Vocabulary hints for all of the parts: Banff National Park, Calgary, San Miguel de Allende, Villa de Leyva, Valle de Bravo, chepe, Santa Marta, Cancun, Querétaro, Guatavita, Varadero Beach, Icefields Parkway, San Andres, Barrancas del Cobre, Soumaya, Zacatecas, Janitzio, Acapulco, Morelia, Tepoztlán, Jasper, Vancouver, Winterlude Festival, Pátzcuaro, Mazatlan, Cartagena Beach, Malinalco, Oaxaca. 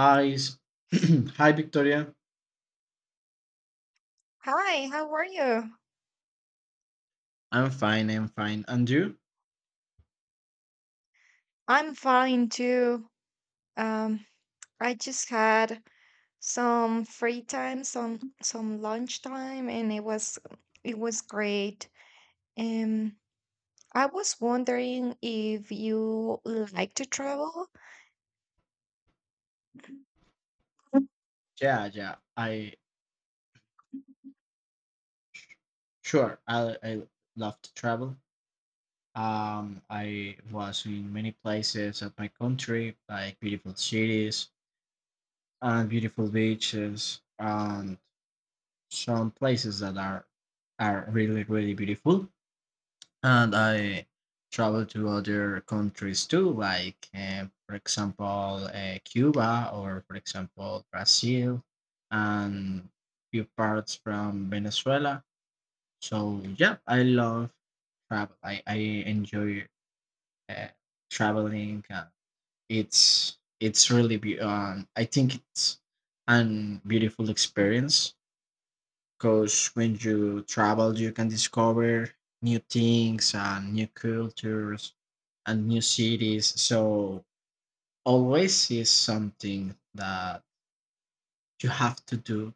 Hi, hi, Victoria. Hi, how are you? I'm fine. I'm fine. And you? I'm fine too. Um, I just had some free time, some lunch time, and it was great. Um, I was wondering if you like to travel. I Yeah, yeah. I sure. I love to travel. I was in many places of my country, like beautiful cities and beautiful beaches, and some places that are really really beautiful. And I travel to other countries too, like for example Cuba, or for example Brazil and few parts from Venezuela. So yeah, I love travel. I enjoy uh, traveling. I think it's an beautiful experience, because when you travel, you can discover new things and new cultures and new cities. So always is something that you have to do,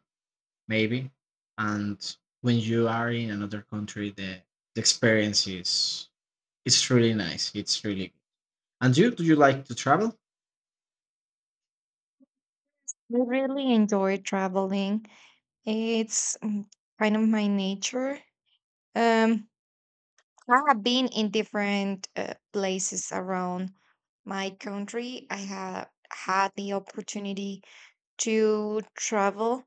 maybe. And when you are in another country, the experience is it's really nice. It's really good. And you, do you like to travel? really enjoy traveling. It's kind of my nature. Um, I have been in different places around my country. I have had the opportunity to travel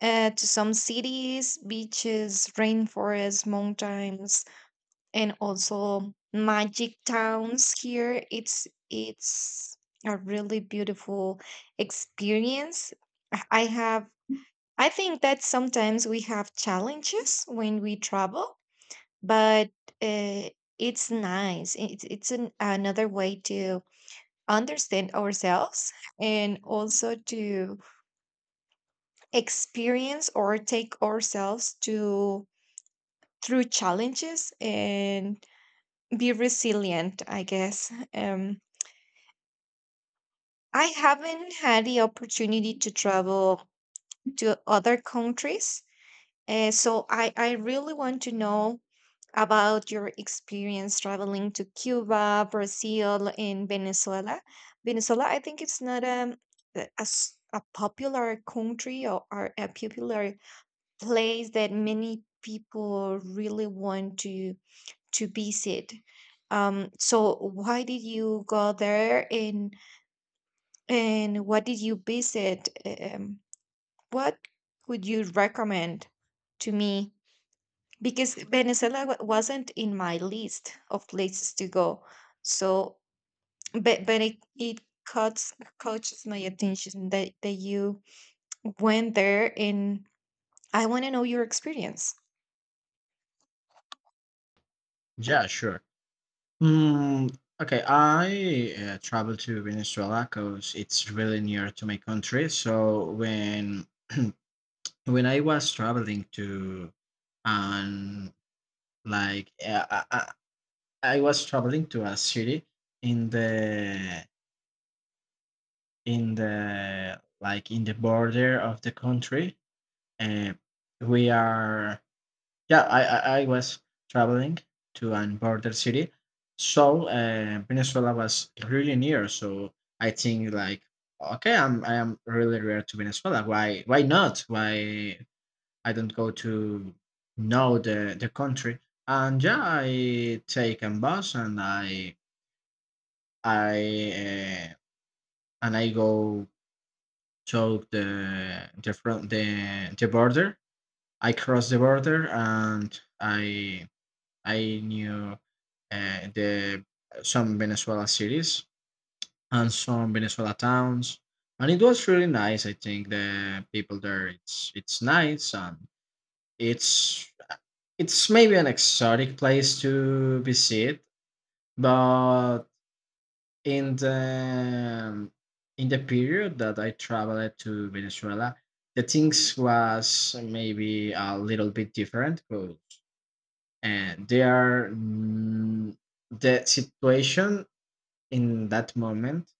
to some cities, beaches, rainforests, mountains, and also magic towns here. It's a really beautiful experience. I I have I think that sometimes we have challenges when we travel, but uh, it's nice. It's another way to understand ourselves and also to experience or take ourselves to through challenges and be resilient, I guess. I haven't had the opportunity to travel to other countries, so I really want to know about your experience traveling to Cuba, Brazil, and Venezuela. Venezuela, I think, it's not a popular country, or a popular place that many people really want to visit. So why did you go there, and what did you visit? What would you recommend to me? Because Venezuela wasn't in my list of places to go. So, but it cuts catches my attention that you went there, and I want to know your experience. Yeah, sure. Hmm. Okay, I travel to Venezuela because it's really near to my country. So when I was traveling to, and like I was traveling to a city in the in the border of the country, and we are yeah. I was traveling to an border city, so Venezuela was really near. So I think like, okay, I'm I am really near to Venezuela. Why not? Why I don't go to know the country? And yeah, I take a bus and I uh, I go to the border. I cross the border and I knew the some Venezuela cities and some Venezuela towns, and it was really nice. I think the people there, it's nice, and it's it's maybe an exotic place to visit. But in the period that I traveled to Venezuela, the things was maybe a little bit different, but and they are the situation in that moment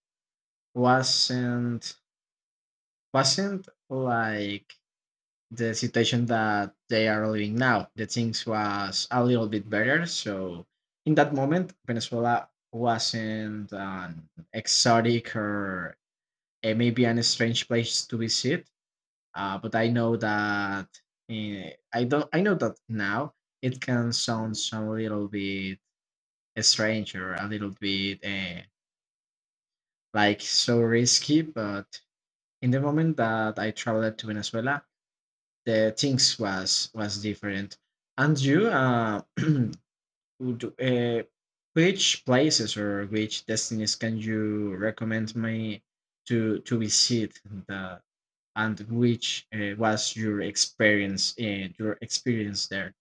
wasn't wasn't like the situation that they are living now. The things was a little bit better, so in that moment, Venezuela wasn't an exotic or it may be an strange place to visit. But I know that eh, I don't. I know that now it can sound some little bit strange or a little bit like so risky. But in the moment that I traveled to Venezuela, the things was different. And you, would, which places or which destinies can you recommend me to visit? And which was your experience, in your experience there?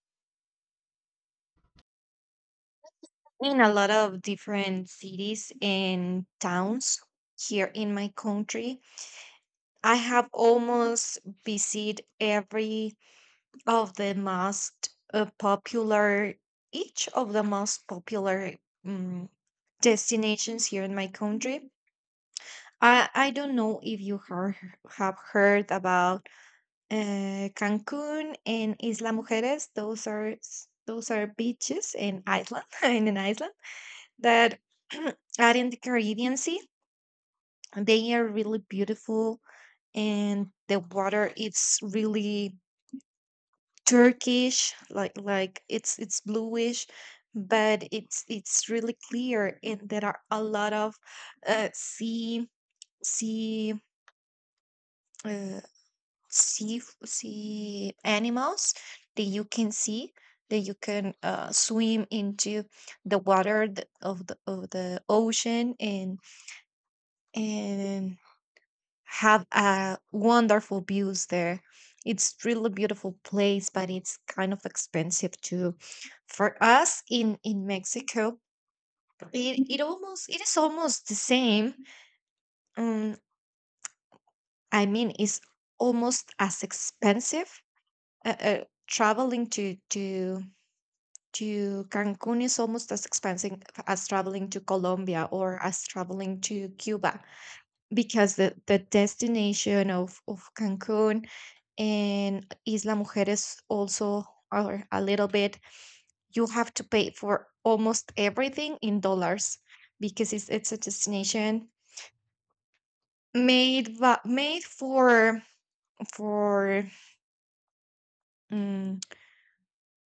In a lot of different cities and towns here in my country, I have almost visited every of the most popular, each of the most popular um, destinations here in my country. I don't know if you heard, have heard about Cancun and Isla Mujeres. Those are beaches in Iceland in an island that are in the Caribbean Sea. They are really beautiful, and the water, it's really turkish, like it's bluish, but it's really clear, and there are a lot of uh, sea sea uh, sea animals that you can see, that you can swim into the water of the ocean and and have wonderful views there. It's really beautiful place, but it's kind of expensive too. For us in Mexico, it is almost the same. Um, I mean, it's almost as expensive. Traveling to Cancun is almost as expensive as traveling to Colombia or as traveling to Cuba, because the destination of Cancun and Isla Mujeres also are a little bit. You have to pay for almost everything in dollars, because it's a destination made for for mm,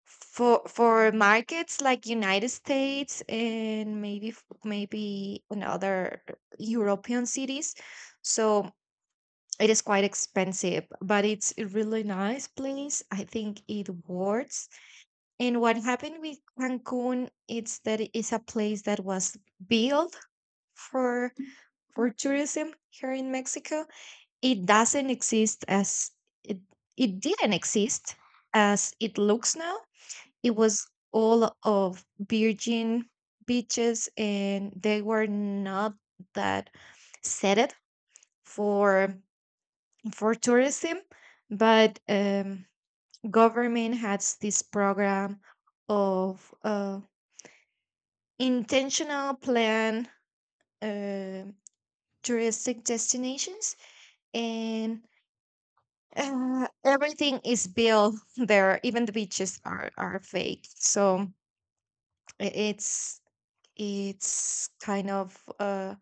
for markets like United States and maybe maybe in other European cities. So it is quite expensive, but it's a really nice place. I think it works. And what happened with Cancun, it's that it is a place that was built for tourism here in Mexico. It doesn't exist as it, didn't exist as it looks now. It was all of virgin beaches, and they were not that set it for tourism, but government has this program of intentional plan uh, touristic destinations, and everything is built there. Even the beaches are fake, so i- it's it's kind of.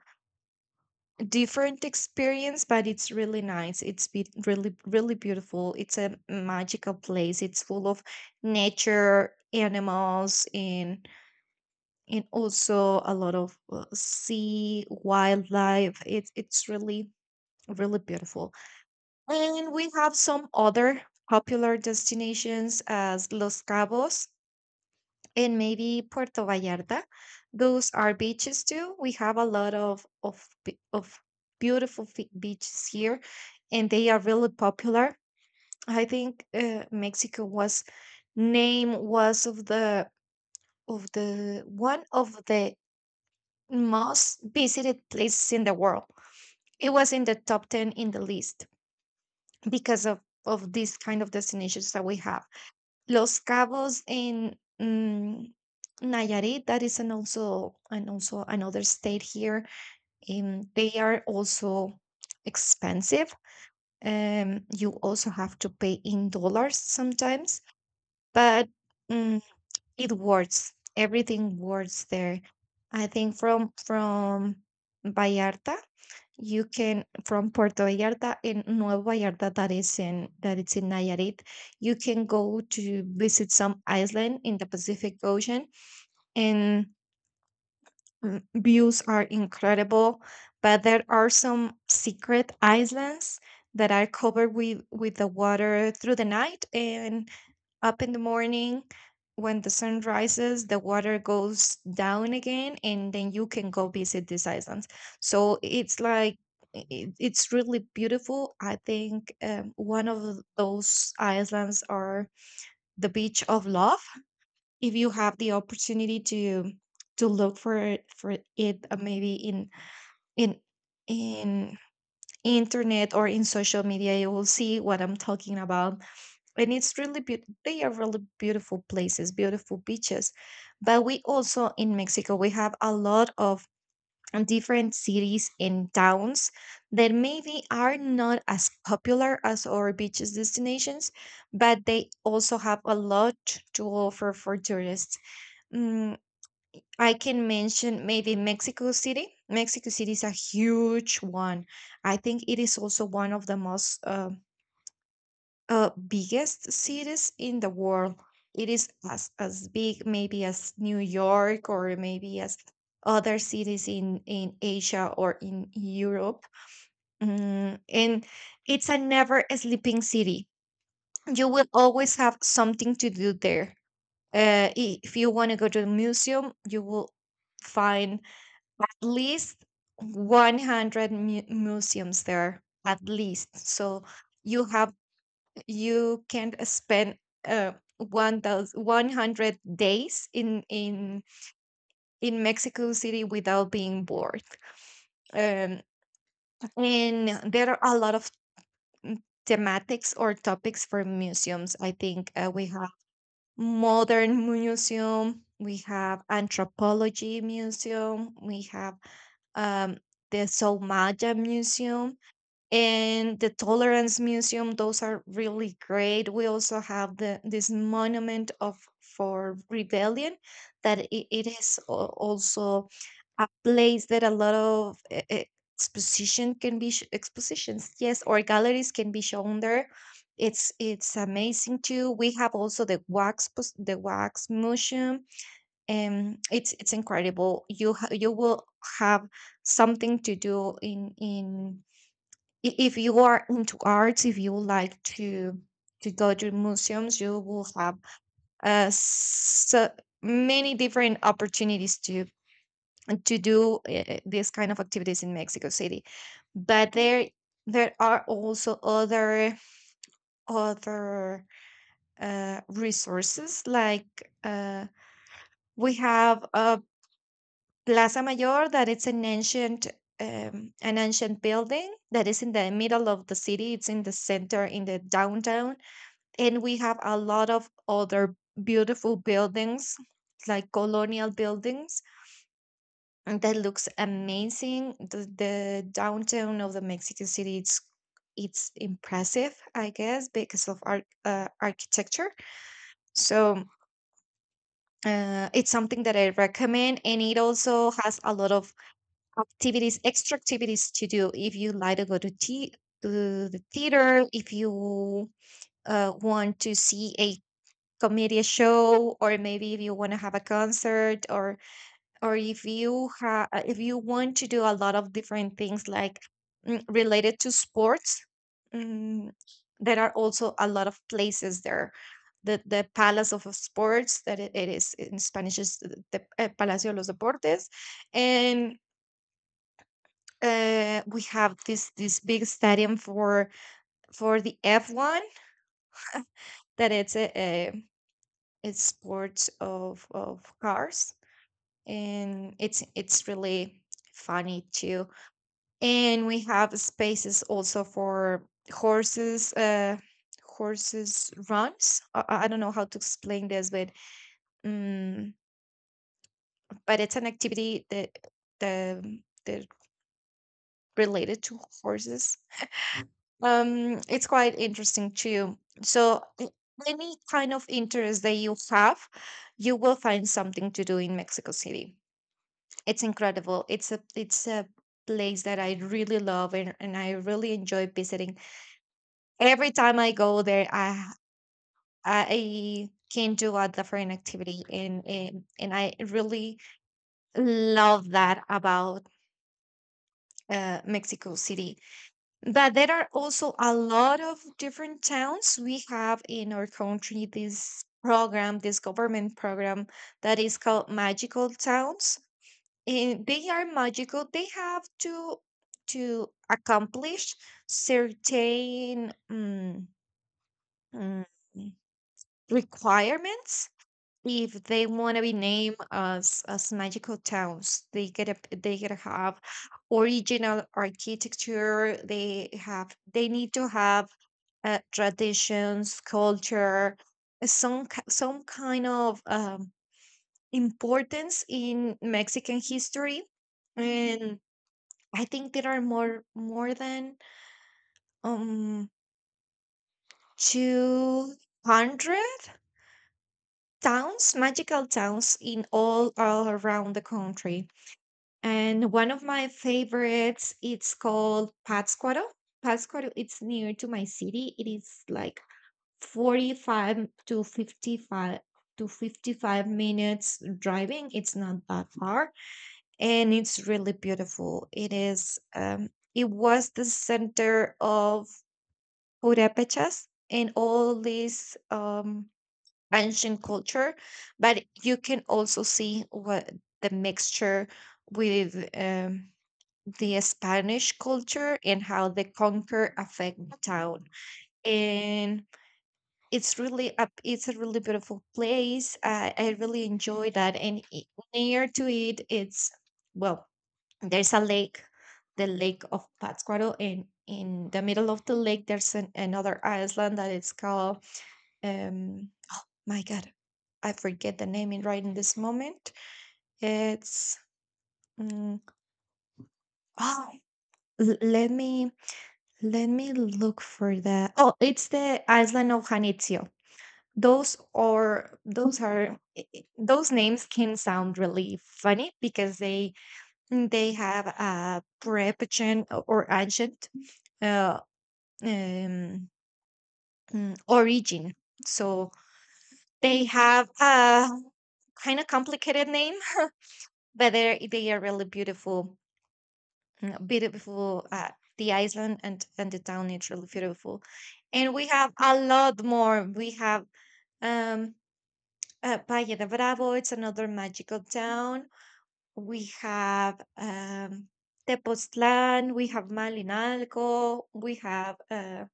Different experience, but it's really nice. It's really really beautiful. It's a magical place. It's full of nature, animals, and also a lot of sea wildlife. It's really really beautiful, and we have some other popular destinations as Los Cabos and maybe Puerto Vallarta. Those are beaches too. We have a lot of beaches here, and they are really popular. I think Mexico was name was of the one of the most visited places in the world. It was in the top ten in the list because of these kind of destinations that we have. Los Cabos in Nayarit, that is an also and also another state here. They are also expensive. You also have to pay in dollars sometimes, but mm, it works. Everything works there. I think Vallarta, from Puerto Vallarta and Nuevo Vallarta, that is in that it's in Nayarit, you can go to visit some island in the Pacific Ocean, and views are incredible. But there are some secret islands that are covered with the water through the night, and up in the morning, when the sun rises, the water goes down again, and then you can go visit these islands. So it's like it's really beautiful, I think. One of those islands are the beach of love. If you have the opportunity to look for it, maybe in in in internet or in social media, you will see what I'm talking about, and it's really beautiful. They are really beautiful places, beautiful beaches. But we also, in Mexico, we have a lot of different cities and towns that maybe are not as popular as our beaches destinations, but they also have a lot to offer for tourists. Mm, I can mention maybe Mexico City. Mexico City is a huge one. I think it is also one of the most biggest cities in the world. It is as big maybe as New York, or maybe as other cities in Asia or in Europe. And it's a never sleeping city. You will always have something to do there. If you want to go to the museum, you will find at least 100 museums there, at least. So you have you can spend 1,100 days in Mexico City without being bored. Um, and there are a lot of mm, thematics or topics for museums. I think we have modern museum, we have anthropology museum, we have um, the Soumaya Museum, and the tolerance museum. Those are really great. We also have the this monument of for rebellion, that it is also a place that a lot of expositions, yes, or galleries can be shown there. It's amazing too. We have also the wax museum, and it's incredible. You will have something to do in if you are into arts, if you like to go to museums, you will have so many different opportunities to do these kind of activities in Mexico City. But there are also other resources like we have Plaza Mayor, that it's an ancient building that is in the middle of the city. It's in the center, in the downtown, and we have a lot of other beautiful buildings, like colonial buildings, and that looks amazing. The downtown of the Mexico City, it's impressive, I guess, because of art, architecture. So it's something that I recommend, and it also has a lot of activities extra activities to do. If you like to go to the theater, if you want to see a comedy show, or maybe if you want to have a concert, or if you have if you want to do a lot of different things like related to sports. mm, there are also a lot of places there. The palace of sports, that it is in spanish is the palacio de los deportes, and we have this big stadium for the F1, that it's a it's sports of cars, and it's really funny too. And we have spaces also for horses uh horses runs. I don't know how to explain this, um but it's an activity that the that related to horses. It's quite interesting too. So any kind of interest that you have, you will find something to do in Mexico City. It's incredible. It's a place that I really love, and I really enjoy visiting. Every time I go there, I can do a different activity, and and I really love that about Mexico City. But there are also a lot of different towns. We have in our country this government program that is called magical towns. And they are magical. They have to accomplish certain mm, requirements if they want to be named as magical towns. They get to have original architecture. They need to have traditions, culture, some some kind of importance in Mexican history and. I think there are more than um 200 towns, magical towns in all around the country. And one of my favorites, it's called Pátzcuaro. Pátzcuaro, it's near to my city. It is like 45 to 55 minutes driving. It's not that far, and it's really beautiful. It is it was the center of Purépechas and all this ancient culture, but you can also see what the mixture with the Spanish culture and how the conquer affect the town. And it's a really beautiful place. I really enjoy that, and near to it, it's, well, there's a lake, the lake of Pátzcuaro, and in the middle of the lake there's another island that is called, um my god, I forget the name in right in this moment. It's, mm, oh, let me, let me look for that. Oh, it's the island of Janitzio. Those are those are i- i- those names can sound really funny because they have a preposition or ancient uh, um, origin. So they have a kind of complicated name, but they are really beautiful, beautiful. The island and the town is really beautiful, and we have a lot more. We have um, Valle de Bravo. It's another magical town. We have Tepoztlán. We have Malinalco. We have uh.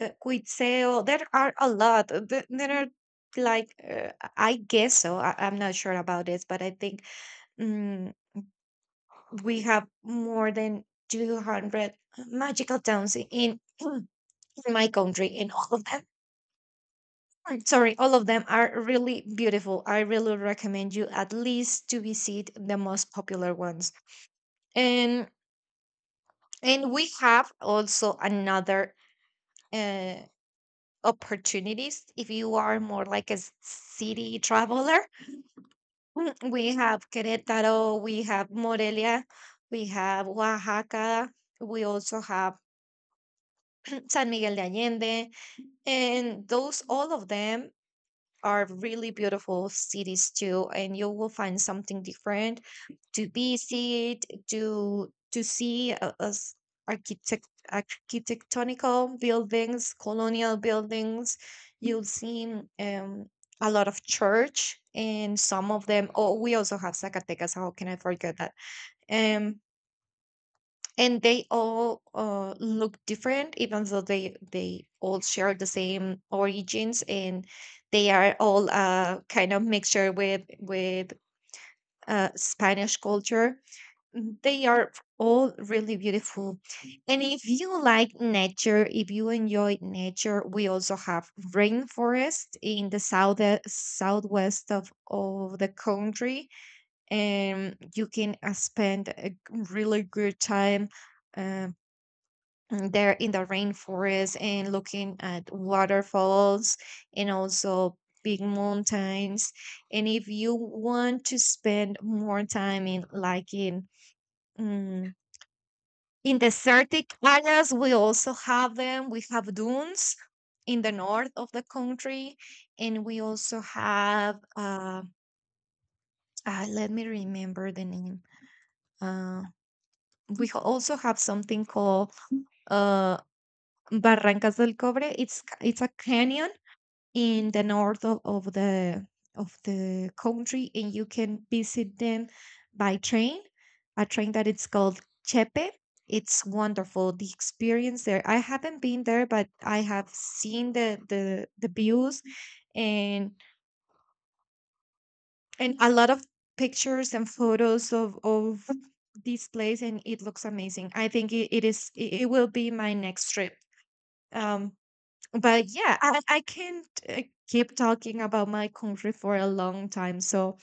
Uh, quick sale. There are a lot. There are like I guess so. I'm not sure about this, but I think mm, we have more than 200 magical towns in in my country, and all of them. I'm sorry, all of them are really beautiful. I really recommend you at least to visit the most popular ones. And and we have also another. Uh, Opportunities if you are more like a city traveler. We have Querétaro, we have Morelia, we have Oaxaca, we also have, San Miguel de Allende, and those, all of them are really beautiful cities too, and you will find something different to visit, to see as architectonical buildings, colonial buildings. You'll see um, a lot of church, and some of them. Oh, we also have Zacatecas. How can I forget that? Um, and they all look different even though they all share the same origins, and they are all kind of mixture with spanish culture. They are all really beautiful. And if you like nature, if you enjoy nature, we also have rainforest in the south, southwest of the country, and you can spend a really good time um, there in the rainforest, and looking at waterfalls and also big mountains. And if you want to spend more time in, like, in mm, in desertic areas, we also have them. We have dunes in the north of the country, and we also have let me remember the name. Uh, we also have something called uh, Barrancas del Cobre. It's a canyon in the north of the, of the country, and you can visit them by train, a train that it's called chepe. It's wonderful, the experience there. I haven't been there, but I have seen the views, and and a lot of pictures and photos of this place, and it looks amazing. I think it is, it will be my next trip. um but yeah, I can't keep talking about my country for a long time. So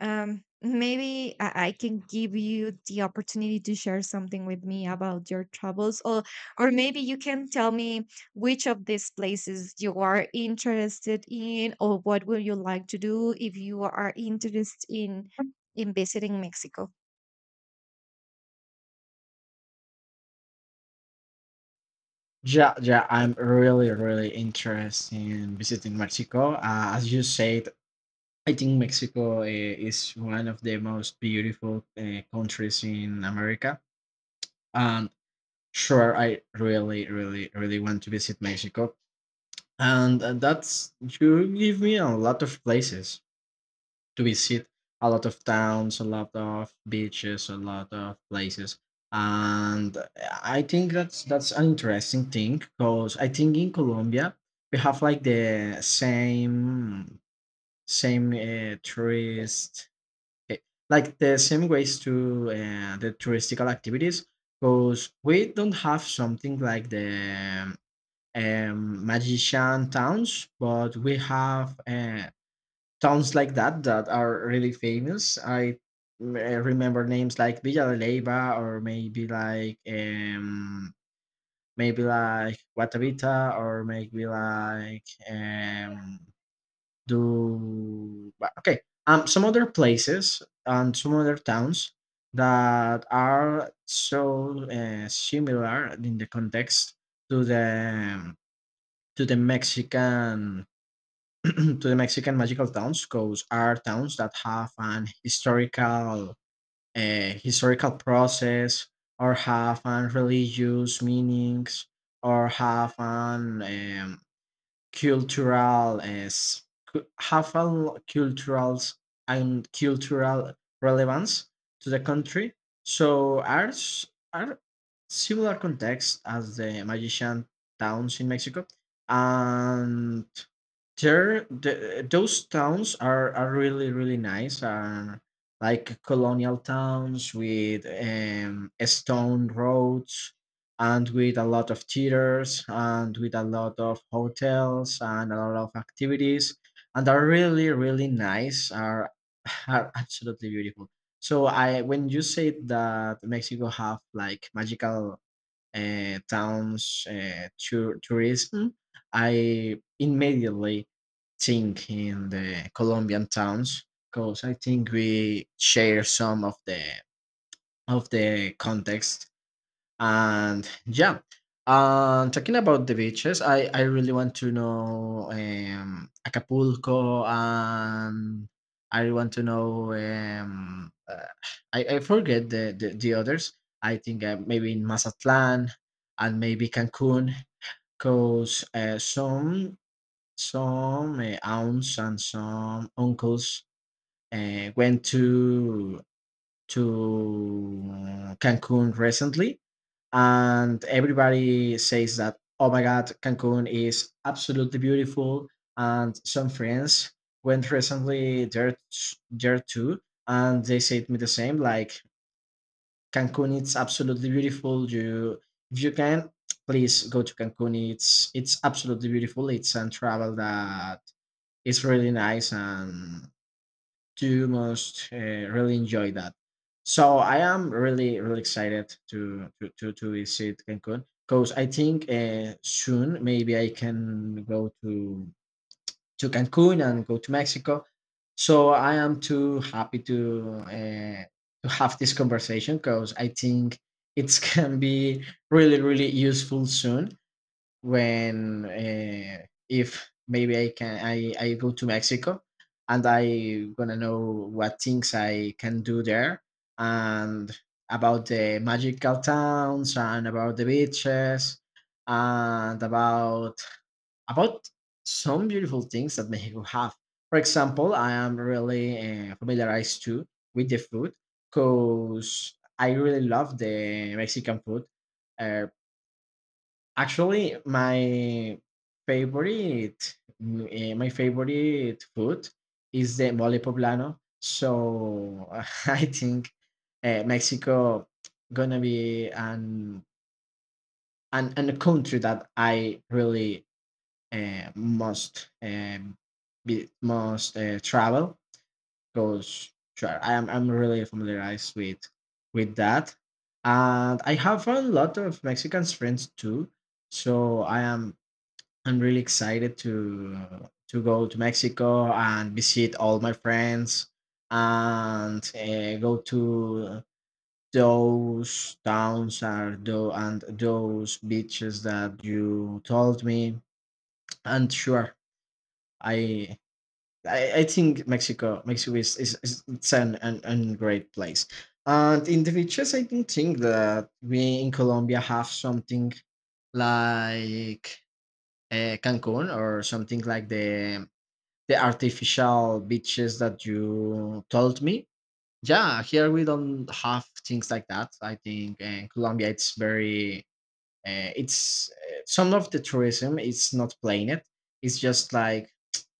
maybe I can give you the opportunity to share something with me about your travels, or maybe you can tell me which of these places you are interested in, or what would you like to do if you are interested in visiting Mexico. Yeah, yeah, I'm really really interested in visiting Mexico. As you said, I think Mexico is one of the most beautiful countries in America, and sure, I really really really want to visit Mexico. And that's, you give me a lot of places to visit, a lot of towns, a lot of beaches, a lot of places. And I think that's an interesting thing, because I think in Colombia we have like the same tourist eh, like the same ways to the touristical activities, because we don't have something like the magician towns. But we have towns like that that are really famous. I remember names like Villa de Leyva, or maybe like Guatavita, or maybe like okay, some other places and some other towns that are so similar in the context to the Mexican to the Mexican magical towns, because are towns that have an historical historical process, or have an religious meanings, or have an cultural as have a lo- cultural, and cultural relevance to the country. So are similar context as the magician towns in Mexico. And those towns are really really nice. Like colonial towns with stone roads, and with a lot of theaters and with a lot of hotels and a lot of activities, and are really really nice. Are are absolutely beautiful. So I, when you say that Mexico have like magical towns, tourism, I immediately think in the Colombian towns, because I think we share some of the context. And yeah, talking about the beaches, I really want to know Acapulco, and I want to know, I forget the others. I think maybe in Mazatlan, and maybe Cancun, because some aunts and some uncles went to to Cancun recently, and everybody says that, oh my god, Cancun is absolutely beautiful. And some friends went recently there too, and they said me the same, like, Cancun, it's absolutely beautiful. You, if you can, please go to Cancun. It's absolutely beautiful. It's a travel that is really nice, and you must really enjoy that. So I am really really excited to to visit Cancun, because I think soon maybe I can go to Cancun and go to Mexico. So I am too happy to have this conversation, because I think it can be really really useful soon, when if maybe I go to Mexico, and I gonna know what things I can do there, and about the magical towns, and about the beaches, and about some beautiful things that Mexico have. For example, I am really familiarized too with the food, because I really love the Mexican food. eh, Actually, favorite my favorite food is the mole poblano. So I think Mexico gonna be an a country that I really uh, must um, must travel, because sure, I'm really familiarized with that, and I have a lot of Mexican friends too. So I'm really excited to go to Mexico and visit all my friends, and go to those towns, and those beaches that you told me. And sure, I I think Mexico is, it's an great place. And in the beaches, I don't think that we in Colombia have something like Cancun, or something like the artificial beaches that you told me. Yeah, here we don't have things like that. I think in Colombia it's very, it's some of the tourism is not playing it. It's just like,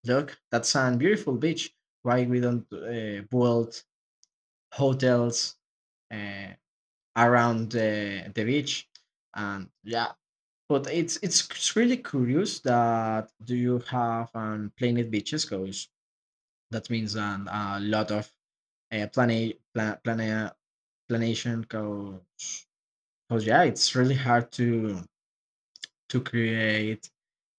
look, that's a beautiful beach. Why we don't build hotels uh, around the beach? And yeah, but really curious that, do you have planet beaches? 'Cause that means a lot of plane, planation. Because yeah, it's really hard to create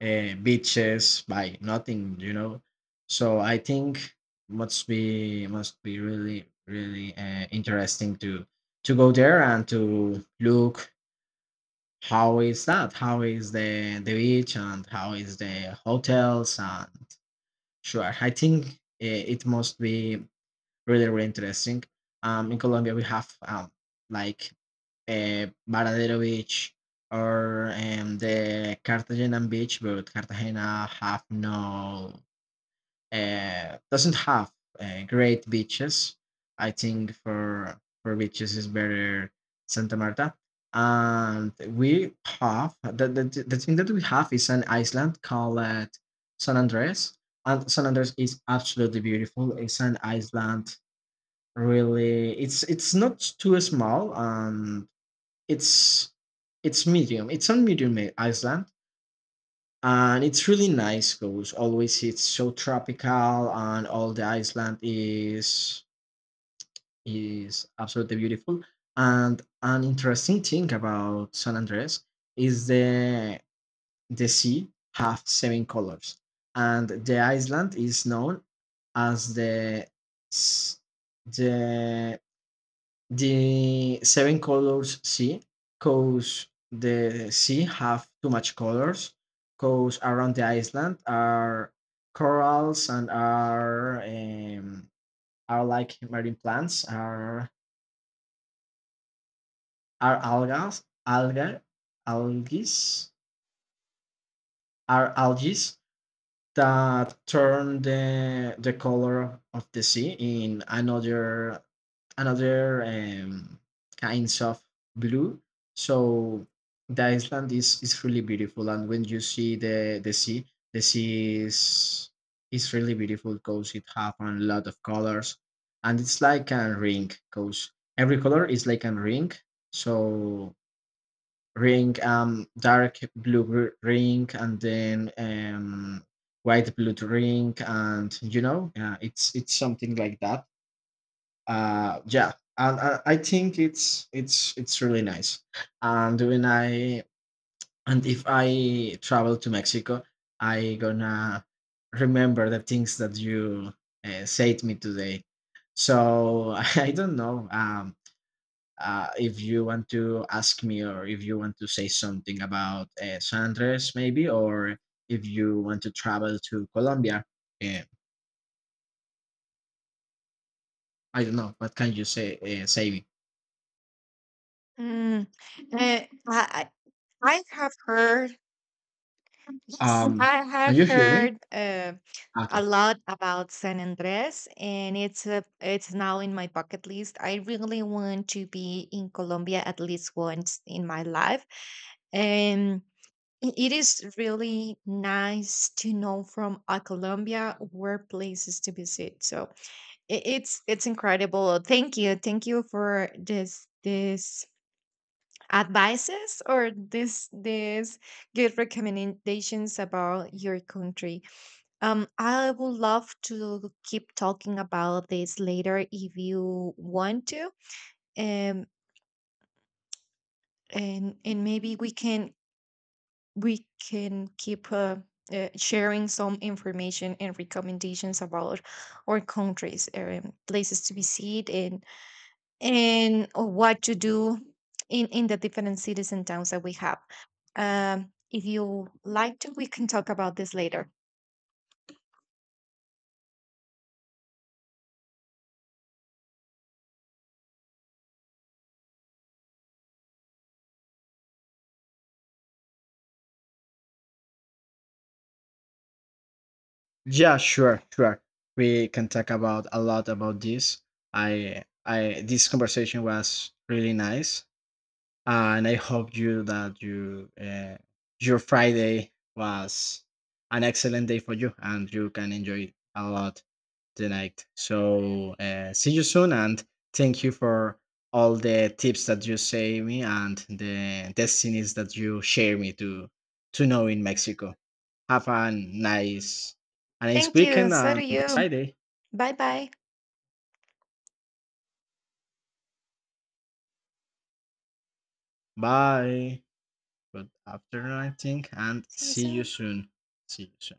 beaches by nothing, you know. So I think must be, must be really really interesting to go there and to look how is that, how is the beach, and how is the hotels. And sure, I think it must be really really interesting. In Colombia we have like Varadero Beach, or the Cartagena Beach. But Cartagena have no doesn't have great beaches. I think for beaches is better Santa Marta. And we have the thing that we have is an island called San Andres. And San Andres is absolutely beautiful. It's an island, really, it's not too small, and it's it's medium, it's on medium island, and it's really nice, because always it's so tropical, and all the Iceland is absolutely beautiful. And an interesting thing about San Andres is the sea have seven colors, and the Iceland is known as the s- the the Seven Colors Sea, 'cause the sea have too much colors, 'cause around the island are corals, and are like marine plants, are are algas, alga, algae, are algae, that turn the color of the sea in another another um, kinds of blue. So the island is really beautiful, and when you see the sea, the sea is really beautiful, because it have a lot of colors, and it's like a ring, because every color is like a ring. So ring, dark blue ring, and then white blue ring, and you know, it's something like that. Yeah. And I think it's really nice. And when I and if I travel to Mexico, I gonna remember the things that you said me today. So I don't know. If you want to ask me, or if you want to say something about San Andres, maybe, or if you want to travel to Colombia. Uh, I don't know. What can you say, say? Mm, uh, I I I have heard. Yes, Um, I can have you hear me? heard a Okay. lot about San Andres, and it's now in my bucket list. I really want to be in Colombia at least once in my life, and it is really nice to know from a Colombia where places to visit. So it's incredible. Thank you for this advices or this good recommendations about your country. I would love to keep talking about this later if you want to. um and maybe we can keep sharing some information and recommendations about our countries, places to visit, and or what to do in the different cities and towns that we have. If you like to, we can talk about this later. Yeah, sure, sure. We can talk about a lot about this. This conversation was really nice. And I hope you that you your Friday was an excellent day for you, and you can enjoy it a lot tonight. So see you soon, and thank you for all the tips that you say me, and the destinies that you share me to know in Mexico. Have a nice Thank you. weekend So and do nice you. Friday. Bye bye. Bye. Good afternoon, I think, and See you see you soon. soon. See you soon.